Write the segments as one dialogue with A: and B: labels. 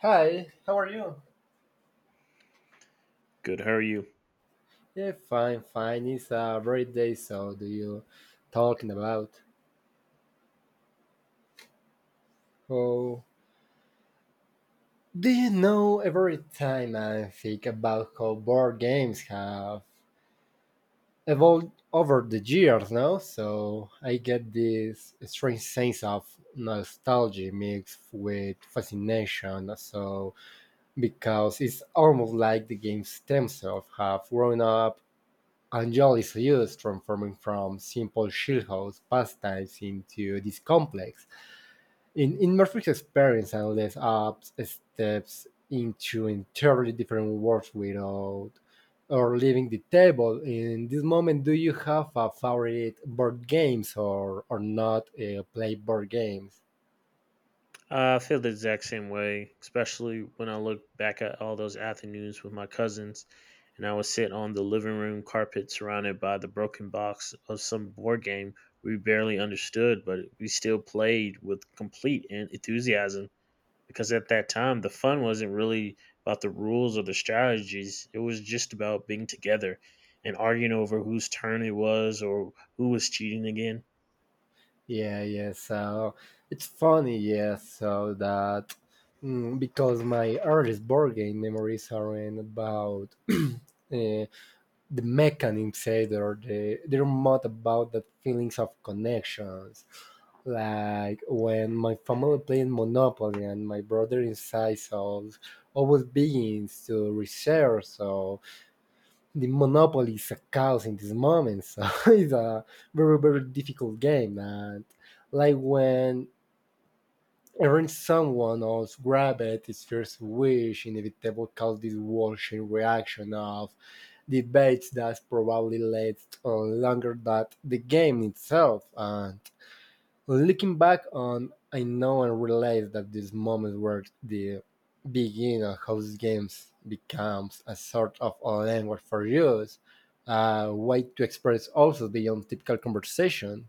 A: Hi. How are you?
B: Good. How are you?
A: Yeah, fine, fine. It's a very day, so do you talking about? Oh, do you know every time I think about how board games have evolved over the years, no? So I get this strange sense of nostalgia mixed with fascination. So because it's almost like the games themselves have grown up Angel is used, transforming from simple childhood pastimes into this complex, in Murphy's experience and leads up steps into entirely different worlds without or leaving the table. In this moment, do you have a favorite board games or not play board games?
B: I feel the exact same way, especially when I look back at all those afternoons with my cousins, and I would sit on the living room carpet surrounded by the broken box of some board game we barely understood, but we still played with complete enthusiasm because at that time the fun wasn't really about the rules or the strategies, it was just about being together and arguing over whose turn it was or who was cheating again.
A: Yeah, yeah. So it's funny, yeah. So that because my earliest board game memories aren't about. uh, the mechanisms, either or they're not about that feelings of connections like when my family played monopoly and my brother inside so always begins to research so the monopoly is a chaos in this moment so it's a very difficult game and like when Aaron someone else grab it, his first wish inevitable caused this washing reaction of debates that probably lasted longer than the game itself, and looking back on, I know and realize that these moments were the beginning of how these games becomes a sort of a language for use, a way to express also beyond typical conversation.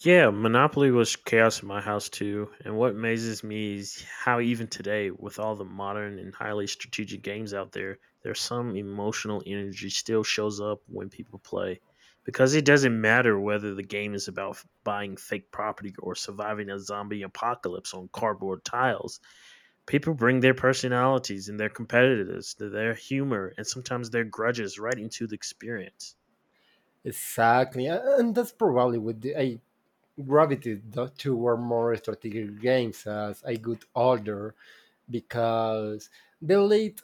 B: Yeah, Monopoly was chaos in my house too. And what amazes me is how even today, with all the modern and highly strategic games out there, there's some emotional energy still shows up when people play. Because it doesn't matter whether the game is about buying fake property or surviving a zombie apocalypse on cardboard tiles, people bring their personalities and their competitiveness, their humor, and sometimes their grudges right into the experience.
A: Exactly, and that's probably what the, I gravitated toward more strategic games as I got older because they led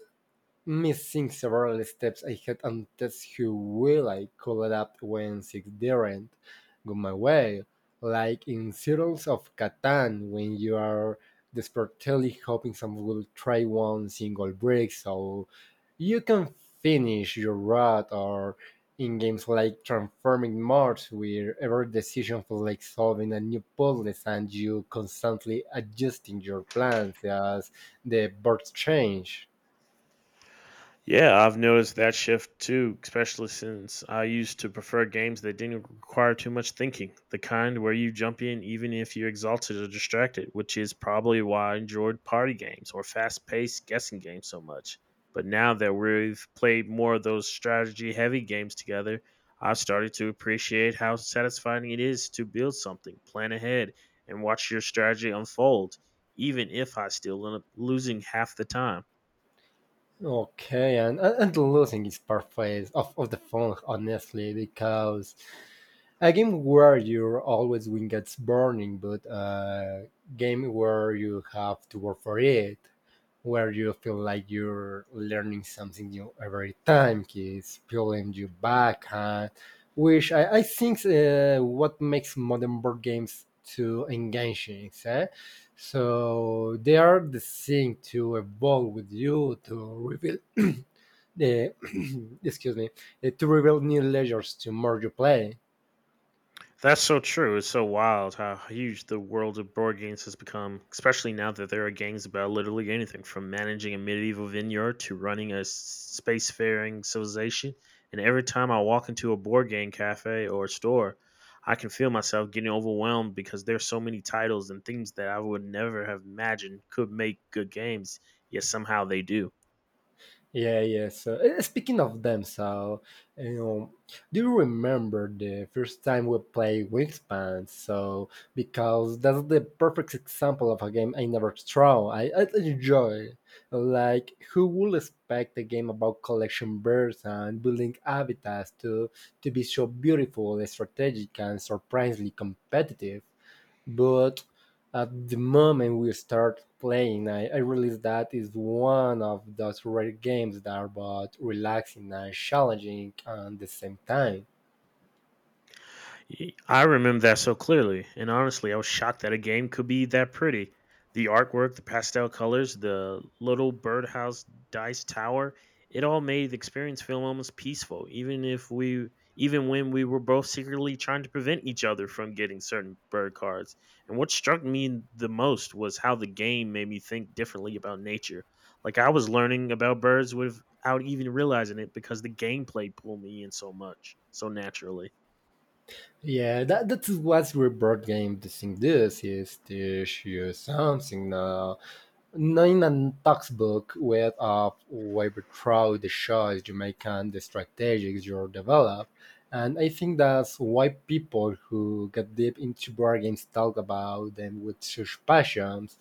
A: missing several steps ahead and test how well I could adapt when things didn't go my way, like in Settlers of Catan when you are desperately hoping someone will try one single brick so you can finish your route, or in games like Transforming Mars, where every decision feels like solving a new puzzle and you constantly adjusting your plans as the birds change.
B: Yeah, I've noticed that shift too, especially since I used to prefer games that didn't require too much thinking, the kind where you jump in even if you're exhausted or distracted, which is probably why I enjoyed party games or fast paced guessing games so much. But now that we've played more of those strategy heavy games together, I've started to appreciate how satisfying it is to build something, plan ahead, and watch your strategy unfold, even if I still end up losing half the time.
A: Okay, and losing is part phase of the fun, honestly, because a game where you're always win gets burning, but a game where you have to work for it, where you feel like you're learning something new every time, keeps pulling you back, huh? Which I think what makes modern board games too engaging. Eh? So they are the thing to evolve with you to reveal the excuse me to reveal new layers to more you play.
B: That's so true. It's so wild how huge the world of board games has become, especially now that there are games about literally anything from managing a medieval vineyard to running a spacefaring civilization. And every time I walk into a board game cafe or store, I can feel myself getting overwhelmed because there's so many titles and things that I would never have imagined could make good games, yet somehow they do.
A: Yeah, yeah. So speaking of them, so you know, do you remember the first time we played Wingspan? So because that's the perfect example of a game I never throw. I enjoy. Like who would expect a game about collection birds and building habitats to be so beautiful, strategic, and surprisingly competitive? But at the moment we start playing, I realize that is one of those rare games that are both relaxing and challenging at the same time.
B: I remember that so clearly, and honestly, I was shocked that a game could be that pretty. The artwork, the pastel colors, the little birdhouse dice tower, it all made the experience feel almost peaceful, even if we even when we were both secretly trying to prevent each other from getting certain bird cards. And what struck me the most was how the game made me think differently about nature. Like I was learning about birds without even realizing it because the gameplay pulled me in so much, so naturally.
A: Yeah, that's what your board game thing does is teach you something Noonan textbook with of Webtroid shows you make and the strategies you develop. And I think that's why people who get deep into board games talk about them with such passions,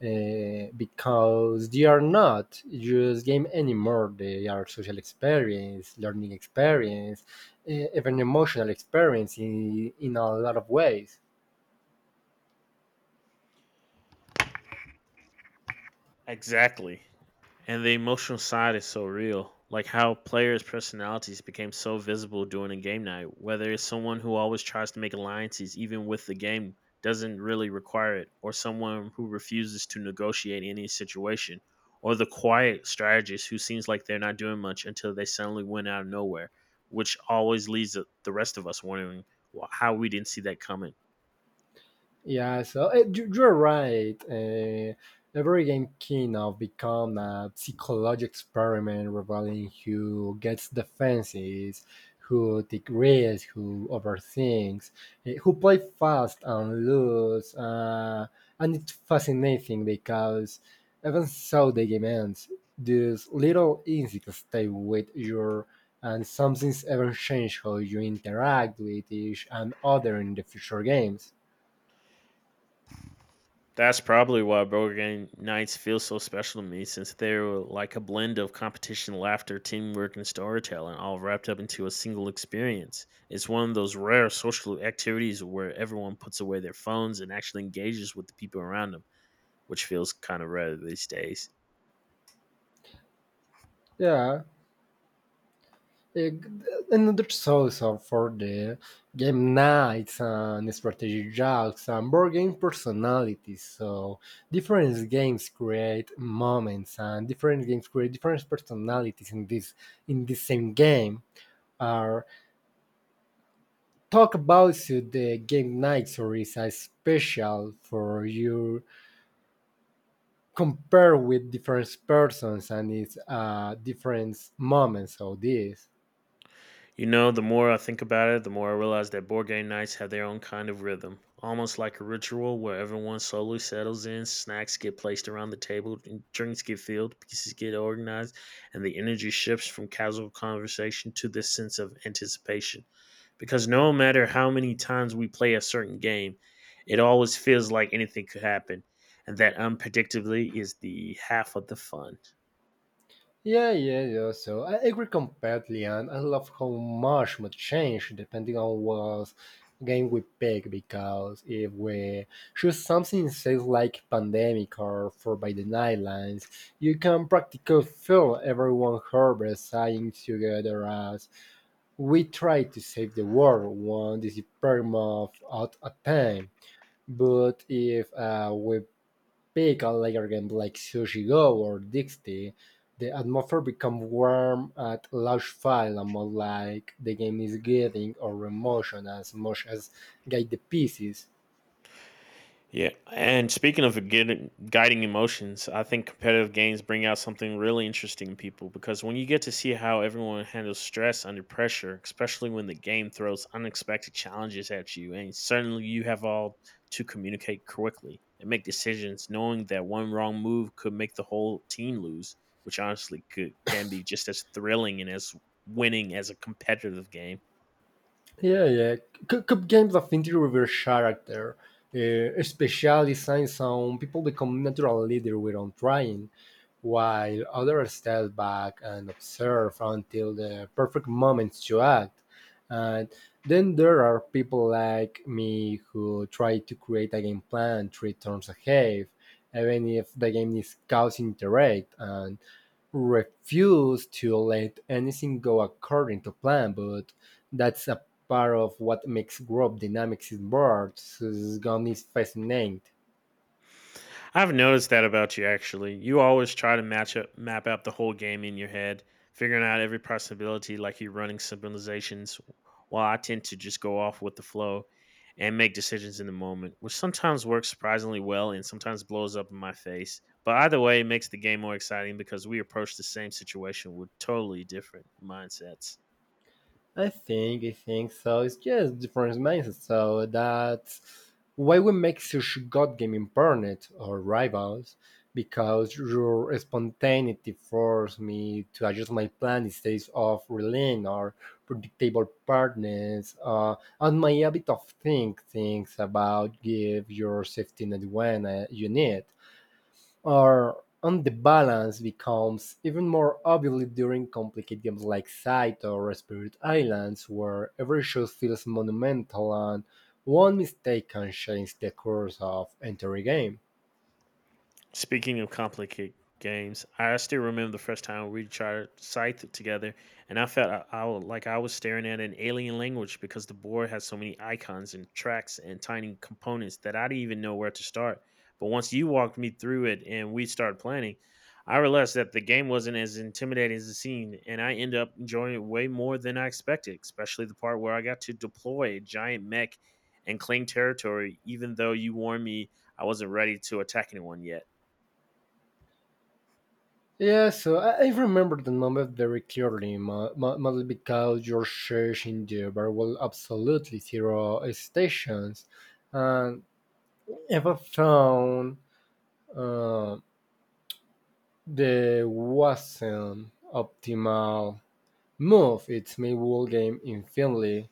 A: because they are not just game anymore. They are social experience, learning experience, even emotional experience in a lot of ways.
B: Exactly. And the emotional side is so real. Like how players' personalities became so visible during a game night. Whether it's someone who always tries to make alliances even with the game doesn't really require it, or someone who refuses to negotiate any situation, or the quiet strategist who seems like they're not doing much until they suddenly win out of nowhere, which always leaves the rest of us wondering well, how we didn't see that coming.
A: Yeah, so you're right. Every game kind of become a psychological experiment revealing who gets defenses, who takes risks, who overthinks, who play fast and loose. And it's fascinating because even so the game ends, these little insights stay with you and something's ever change how you interact with each and other in the future games.
B: That's probably why board game nights feel so special to me, since they're like a blend of competition, laughter, teamwork, and storytelling, all wrapped up into a single experience. It's one of those rare social activities where everyone puts away their phones and actually engages with the people around them, which feels kind of rare these days.
A: Yeah. Uh, Another source of- for the game nights and strategy jokes and board game personalities. So different games create moments, and different games create different personalities in this in the same game. Are talk about so the game nights or is a special for you compare with different persons and it's different moments of this.
B: You know, the more I think about it, the more I realize that board game nights have their own kind of rhythm, almost like a ritual where everyone slowly settles in, snacks get placed around the table, and drinks get filled, pieces get organized, and the energy shifts from casual conversation to this sense of anticipation. Because no matter how many times we play a certain game, it always feels like anything could happen, and that unpredictably is the half of the fun.
A: Yeah, yeah, yeah. So I agree completely, and I love how much would change depending on what game we pick. Because if we choose something says like pandemic or for by the Nightlands, you can practically feel everyone harbor sighing together as we try to save the world one disappearance of at a time. But if we pickle layer games like Sushi Go or Dixie, the atmosphere becomes warm at large file and more like the game is getting or emotion as much as guide the pieces.
B: Yeah. And speaking of guiding emotions, I think competitive games bring out something really interesting in people because when you get to see how everyone handles stress under pressure, especially when the game throws unexpected challenges at you, and certainly you have all to communicate quickly and make decisions knowing that one wrong move could make the whole team lose, which honestly could can be just as thrilling and as winning as a competitive game.
A: Yeah, yeah. Cup games of interior reverse character, uh, especially since some people become natural leader without trying, while others step back and observe until the perfect moment to act. And then there are people like me who try to create a game plan three turns ahead, even if the game is causing direct and refuse to let anything go according to plan, but that's a part of what makes group dynamics in boards. So this game is fascinating.
B: I've noticed that about you actually. You always try to match up map out the whole game in your head, figuring out every possibility like you're running simulations while I tend to just go off with the flow and make decisions in the moment, which sometimes works surprisingly well and sometimes blows up in my face. But either way, it makes the game more exciting because we approach the same situation with totally different mindsets.
A: I think so. It's just different mindset. So that's why we make such god gaming partners or rivals, because your spontaneity forced me to adjust my plan instead of relying on predictable partners. And my habit of think things about give your safety net when you need. Or, on the balance, becomes even more obvious during complicated games like Scythe or Spirit Islands, where every shot feels monumental and one mistake can change the course of entire game.
B: Speaking of complicated games, I still remember the first time we tried Scythe together, and I felt like I was staring at an alien language because the board had so many icons and tracks and tiny components that I didn't even know where to start. But once you walked me through it and we started planning, I realized that the game wasn't as intimidating as it seemed, and I ended up enjoying it way more than I expected, especially the part where I got to deploy a giant mech and claim territory, even though you warned me I wasn't ready to attack anyone yet.
A: Yeah, so I remember the moment very clearly, mostly because you're searching the variable absolutely zero stations, and if I found uh, the wasn't optimal move is made game infinitely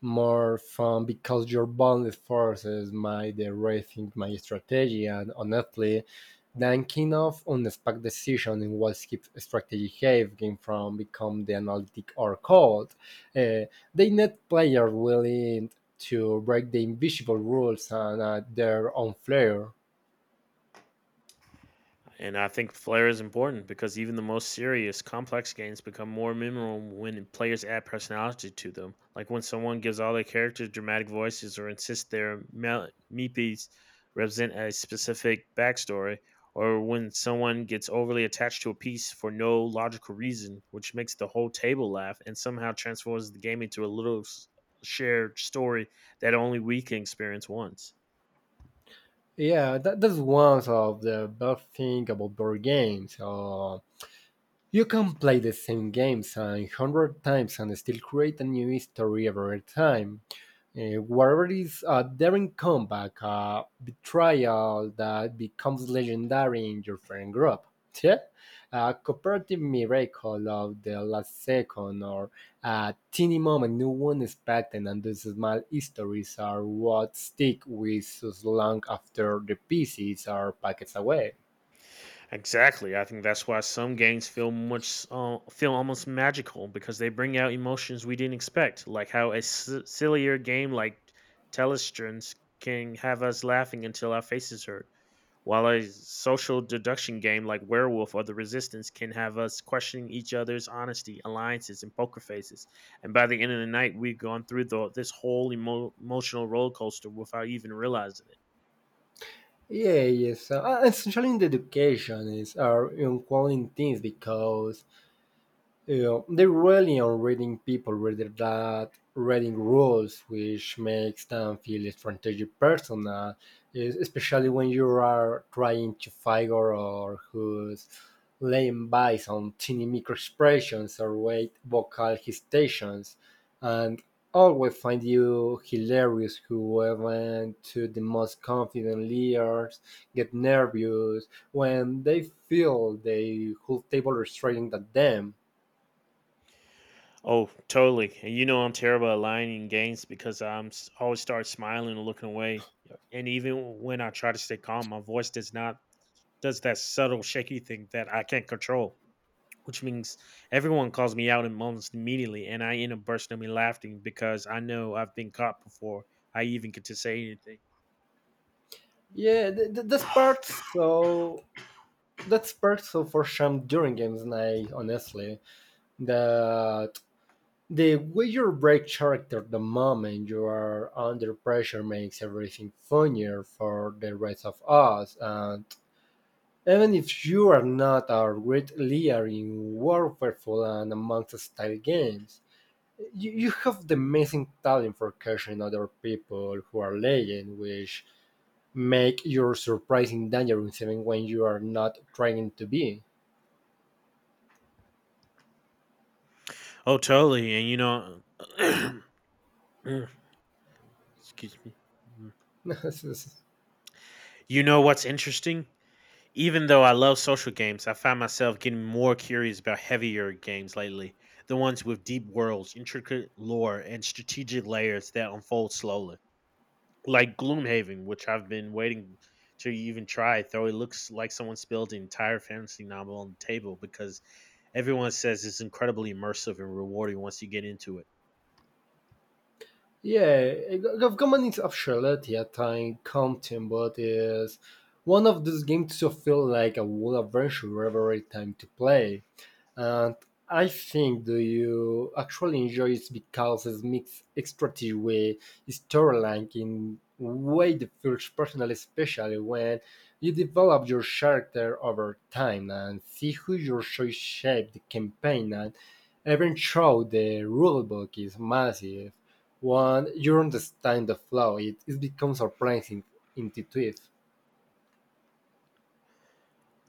A: more fun because your bonus forces might rethink my strategy and honestly thinking of unexpected decision in what keeps strategy have game from become the analytic or cold. Uh, they need players willing to break the invisible rules and add their own flair.
B: And I think flair is important because even the most serious, complex games become more memorable when players add personality to them. Like when someone gives all their characters dramatic voices or insists their meepies represent a specific backstory, or when someone gets overly attached to a piece for no logical reason, which makes the whole table laugh and somehow transforms the game into a little shared story that only we can experience once.
A: Yeah, that's one of the best thing about board games. You can play the same games a hundred times and still create a new history every time. Whatever it is a daring comeback, a betrayal that becomes legendary in your friend group. Yeah? A cooperative miracle of the last second or a teeny moment no one expected and those small histories are what stick with us long after the pieces are packed away.
B: Exactly. I think that's why some games feel much feel almost magical because they bring out emotions we didn't expect, like how a sillier game like Telestrans can have us laughing until our faces hurt, while a social deduction game like Werewolf or The Resistance can have us questioning each other's honesty, alliances, and poker faces. And by the end of the night, we've gone through this whole emotional roller coaster without even realizing it.
A: Yeah, yes. Essentially, in the education is are important things because yeah, they rely on reading people rather than reading rules, which makes them feel strategic personal, especially when you are trying to figure out who's laying by on tiny microexpressions or weight vocal hesitations, and always find you hilarious whoever to the most confident leaders get nervous when they feel the whole table is staring at them.
B: Oh, totally. And you know I'm terrible at lying in games because I'm always start smiling and looking away. Yeah. And even when I try to stay calm, my voice does not does that subtle shaky thing that I can't control, which means everyone calls me out in moments immediately, and I end up bursting me laughing because I know I've been caught before I even get to say anything.
A: Yeah, that's part so for some during games night, honestly, that the way you break character the moment you are under pressure makes everything funnier for the rest of us. And even if you are not our great leader in
B: Mm.
A: Warfare and amongst style games, you have the amazing talent for catching other people who are legend, which make your surprising dangerous even when you are not trying to be.
B: Oh, totally. And you know, Mm, excuse me. Mm. You know what's interesting? Even though I love social games, I find myself getting more curious about heavier games lately, the ones with deep worlds, intricate lore, and strategic layers that unfold slowly. Like Gloomhaven, which I've been waiting to even try. Though it looks like someone spilled the entire fantasy novel on the table because everyone says it's incredibly immersive and rewarding once you get into it.
A: Yeah, Government of Charlotte at time content, but is one of those games to feel like a wood adventure every time to play. And I think do you actually enjoy it because it makes extractive way storyline in way the feels personal, especially when you develop your character over time and see who your choice shaped the campaign and even though the rulebook is massive, when you understand the flow, it becomes surprising intuitive.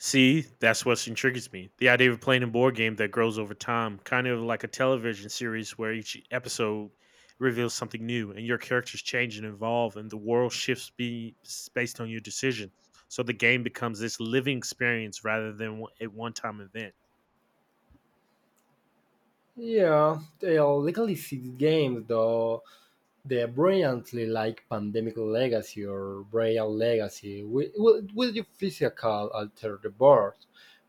B: See, that's what intrigues me. The idea of playing a board game that grows over time, kind of like a television series where each episode reveals something new and your characters change and evolve and the world shifts based on your decisions. So the game becomes this living experience rather than a one time event.
A: Yeah, they are legally six games though the brilliantly like pandemic legacy or braille legacy will you physical alter the board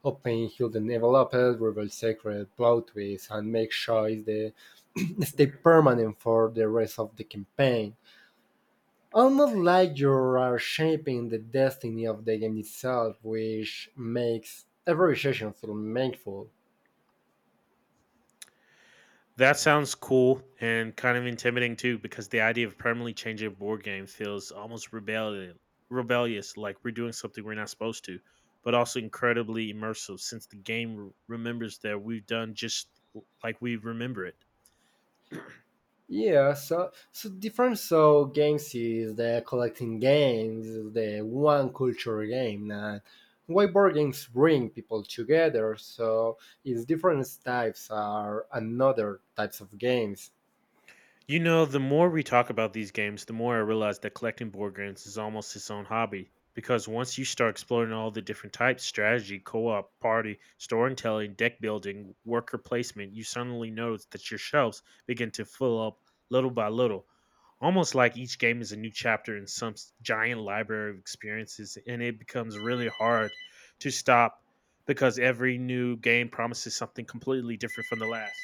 A: hoping he'll develop it, reveal secret plot twists and make sure it's the stay permanent for the rest of the campaign almost like you are shaping the destiny of the game itself which makes every session feel meaningful.
B: That sounds cool and kind of intimidating too, because the idea of permanently changing a board game feels almost rebellious, like we're doing something we're not supposed to, but also incredibly immersive since the game remembers that we've done just like we remember it.
A: Yeah, so so difference of games is the collecting games, is the one culture game, and why board games bring people together. So it's different types are another types of games.
B: You know, the more we talk about these games, the more I realize that collecting board games is almost its own hobby. Because once you start exploring all the different types strategy, co op, party, storytelling, deck building, worker placement you suddenly notice that your shelves begin to fill up little by little almost like each game is a new chapter in some giant library of experiences, and it becomes really hard to stop because every new game promises something completely different from the last.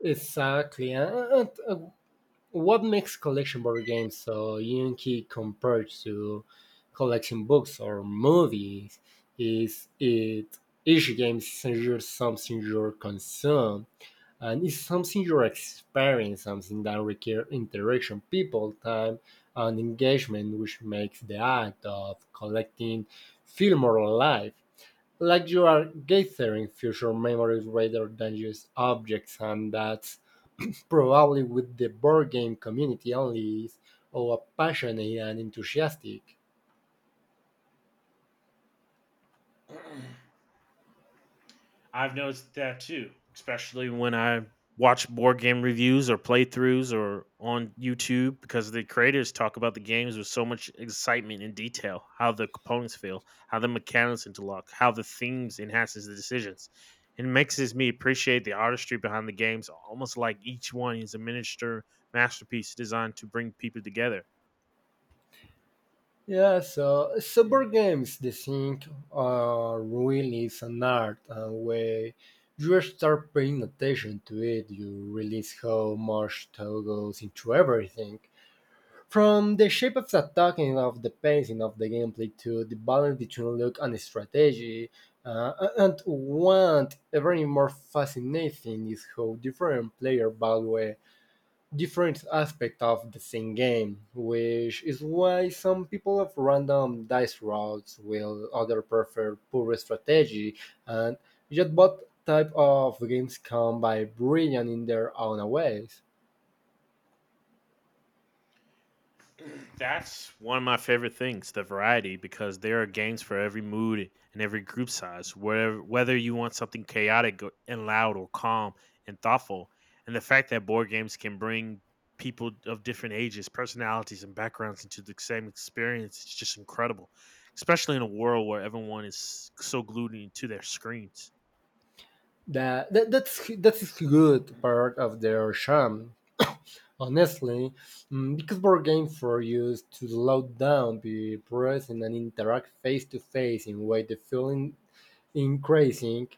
A: Exactly, and what makes collection board games so unique compared to collecting books or movies is it each game is just something you consume and it's something you're experiencing, something that requires interaction, people, time, and engagement, which makes the act of collecting feel more alive. Like you are gathering future memories rather than just objects, and that's probably with the board game community only is, or passionate and enthusiastic.
B: I've noticed that too, especially when I watch board game reviews or playthroughs or on YouTube because the creators talk about the games with so much excitement and detail, how the components feel, how the mechanics interlock, how the themes enhances the decisions. It makes me appreciate the artistry behind the games, almost like each one is a miniature masterpiece designed to bring people together.
A: Yeah, so, so board games, the thing really is an art, and when you start paying attention to it, you realize how much thought goes into everything. From the shape of the talking of the pacing of the gameplay to the balance between luck and strategy, and what even more fascinating is how different player value different aspect of the same game, which is why some people have random dice rolls, while others prefer pure strategy, and yet both type of games come by brilliant in their own ways.
B: That's one of my favorite things, the variety, because there are games for every mood and every group size. Whether you want something chaotic and loud, or calm and thoughtful, and the fact that board games can bring people of different ages, personalities, and backgrounds into the same experience is just incredible, especially in a world where everyone is so glued into their screens.
A: That's a good part of their charm. Honestly, because board games were used to slow down, be present, and interact face to face in way the feeling increasing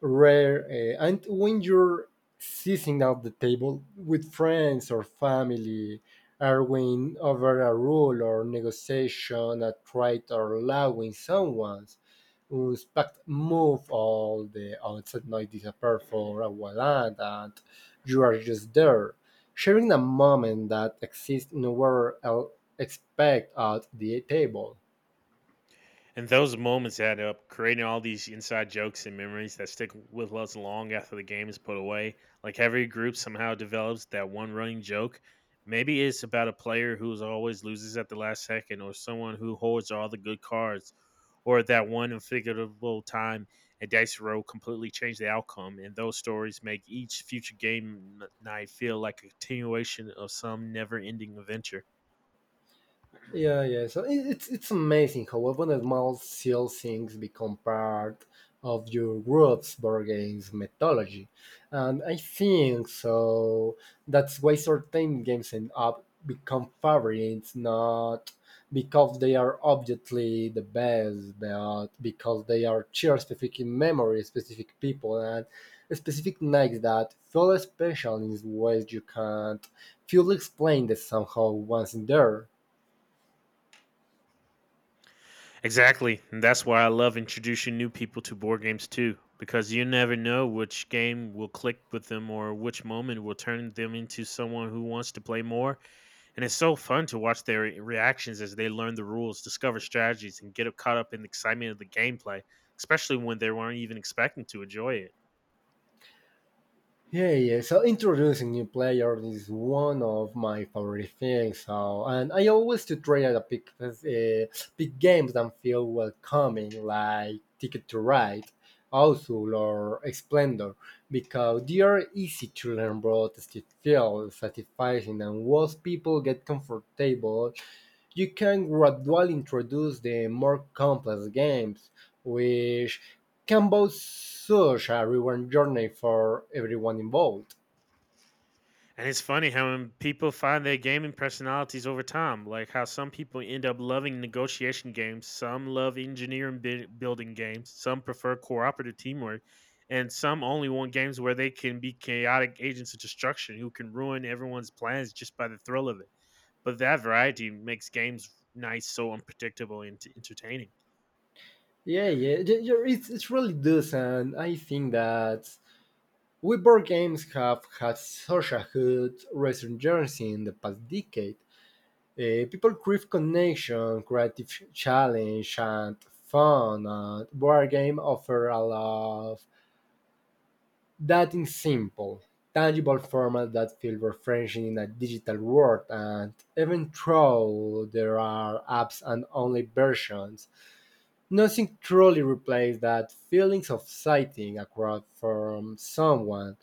A: rare. And when you're sitting at the table with friends or family, arguing over a rule or negotiation, a trait or allowing someone's unexpected move, all the outside noise disappear for a while, and you are just there, sharing a moment that exists nowhere else expect at the table.
B: And those moments add up, creating all these inside jokes and memories that stick with us long after the game is put away. Like every group somehow develops that one running joke. Maybe it's about a player who is always loses at the last second, or someone who holds all the good cards, or that one unforgettable time a dice roll completely changed the outcome. And those stories make each future game night feel like a continuation of some never ending adventure.
A: Yeah, yeah. So it's amazing how often the small seal things become part of your group's board games mythology, and I think so. That's why certain games end up become favorites, not because they are obviously the best, but because they are share specific memories, specific people, and specific nights that feel special in ways you can't fully explain that somehow once in there.
B: Exactly. And that's why I love introducing new people to board games too, because you never know which game will click with them or which moment will turn them into someone who wants to play more. And it's so fun to watch their reactions as they learn the rules, discover strategies, and get caught up in the excitement of the gameplay, especially when they weren't even expecting to enjoy it.
A: Yeah, yeah. So introducing new players is one of my favorite things. So, and I always to try to pick pick games that feel welcoming, like Ticket to Ride, Outlaw, or Splendor, because they are easy to learn, but still feel satisfying. And once people get comfortable, you can gradually introduce the more complex games, which can be such a rewarding journey for everyone involved.
B: And it's funny how when people find their gaming personalities over time, like how some people end up loving negotiation games, some love engineering building games, some prefer cooperative teamwork, and some only want games where they can be chaotic agents of destruction who can ruin everyone's plans just by the thrill of it. But that variety makes games nice, so unpredictable and entertaining.
A: Yeah, yeah, it's really does, and I think that we board games have had such a good resurgence in the past decade. People crave connection, creative challenge, and fun. And board game offer a lot of that in simple, tangible format that feels refreshing in a digital world. And even though there are apps and only versions, nothing truly replaces that feelings of sighting across from someone,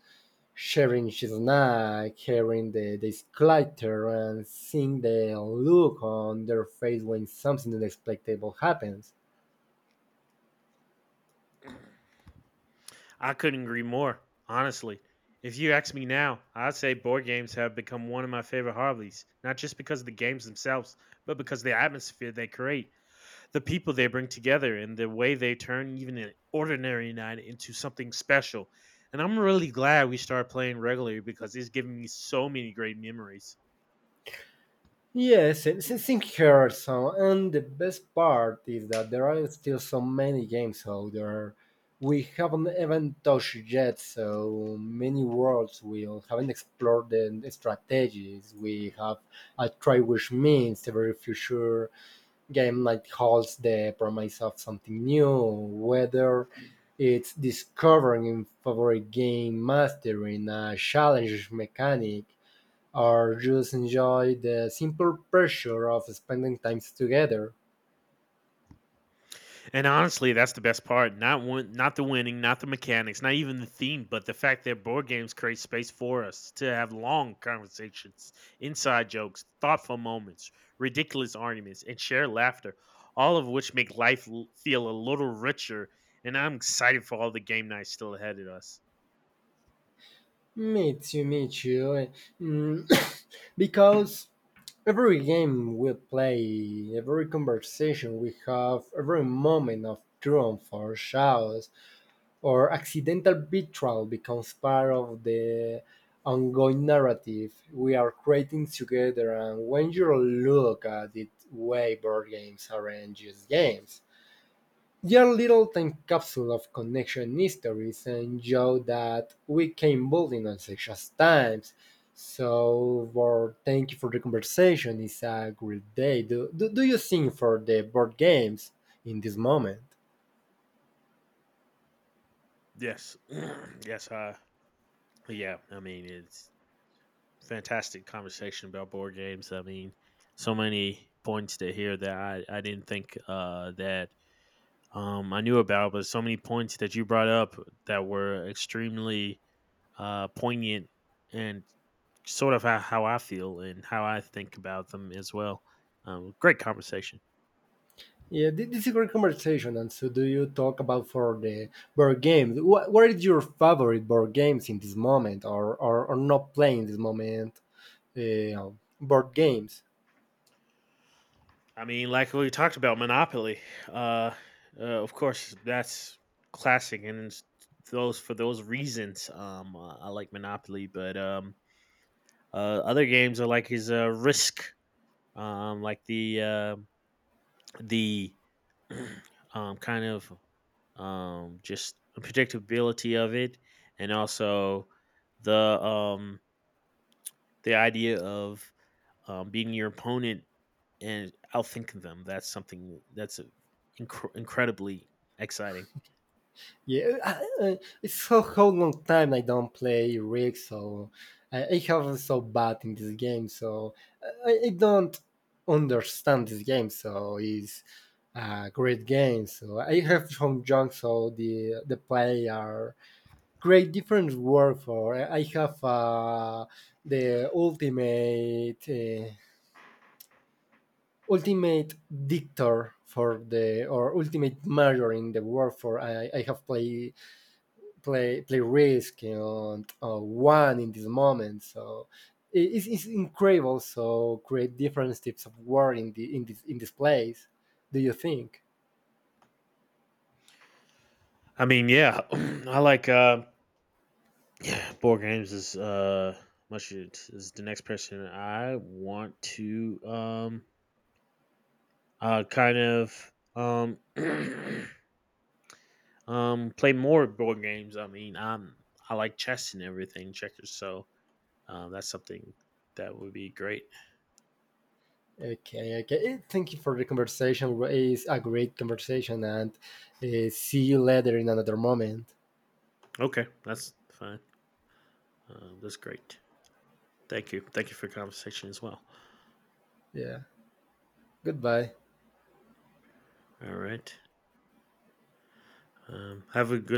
A: sharing his snack, hearing the clatter, and seeing the look on their face when something unexpected happens.
B: I couldn't agree more, honestly. If you ask me now, I'd say board games have become one of my favorite hobbies, not just because of the games themselves, but because of the atmosphere they create, the people they bring together, and the way they turn even an ordinary night into something special. And I'm really glad we started playing regularly because it's given me so many great memories.
A: Yes, it's incredible. And the best part is that there are still so many games out there we haven't even touched yet, so many worlds we haven't explored the strategies. We have a try which means every future game like holds the promise of something new, whether it's discovering a favorite game, mastering a challenge mechanic, or just enjoy the simple pleasure of spending time together.
B: And honestly, that's the best part. Not one, not the winning, not the mechanics, not even the theme, but the fact that board games create space for us to have long conversations, inside jokes, thoughtful moments, ridiculous arguments, and share laughter, all of which make life feel a little richer. And I'm excited for all the game nights still ahead of us.
A: Me too, me too. Mm, because every game we play, every conversation we have, every moment of triumph or shouts or accidental betrayal becomes part of the ongoing narrative we are creating together. And when you look at it, way board games aren't just games. Your little time capsule of connection histories and show that we came building on such as times. So, well, thank you for the conversation. It's a great day. Do you think for the board games in this moment?
B: Yes. Yes. Yeah. I mean, it's fantastic conversation about board games. I mean, so many points to hear that I didn't think that I knew about, but so many points that you brought up that were extremely poignant and sort of how I feel and how I think about them as well. Great conversation.
A: Yeah, this is a great conversation. And so, do you talk about for the board games? What is your favorite board games in this moment, or not playing this moment? Uh, Board games.
B: I mean, like we talked about Monopoly. Uh, of course, that's classic, and it's those for those reasons, I like Monopoly. But Other games are like his Risk, like the kind of just predictability of it, and also the um, the idea of beating your opponent and outthink them. That's something that's a, incredibly exciting.
A: Yeah, it's so how long time I don't play Rig, so I have so bad in this game, so I don't understand this game. So it's a great game. So I have some junk, so the play are great different work for. I have the ultimate ultimate dictator for the or ultimate major in the world for I have played play risk and one in this moment. So it's incredible. So create different types of war in the in this place. Do you think?
B: I mean, yeah, I like yeah, board games is much is the next person I want to kind of play more board games. I mean, I like chess and everything, checkers. So that's something that would be great.
A: Okay, okay. Eh, thank you for the conversation. It's a great conversation, and see you later in another moment.
B: Okay, that's fine. That's great. Thank you. Thank you for the conversation as well.
A: Yeah. Goodbye.
B: All right. Have a good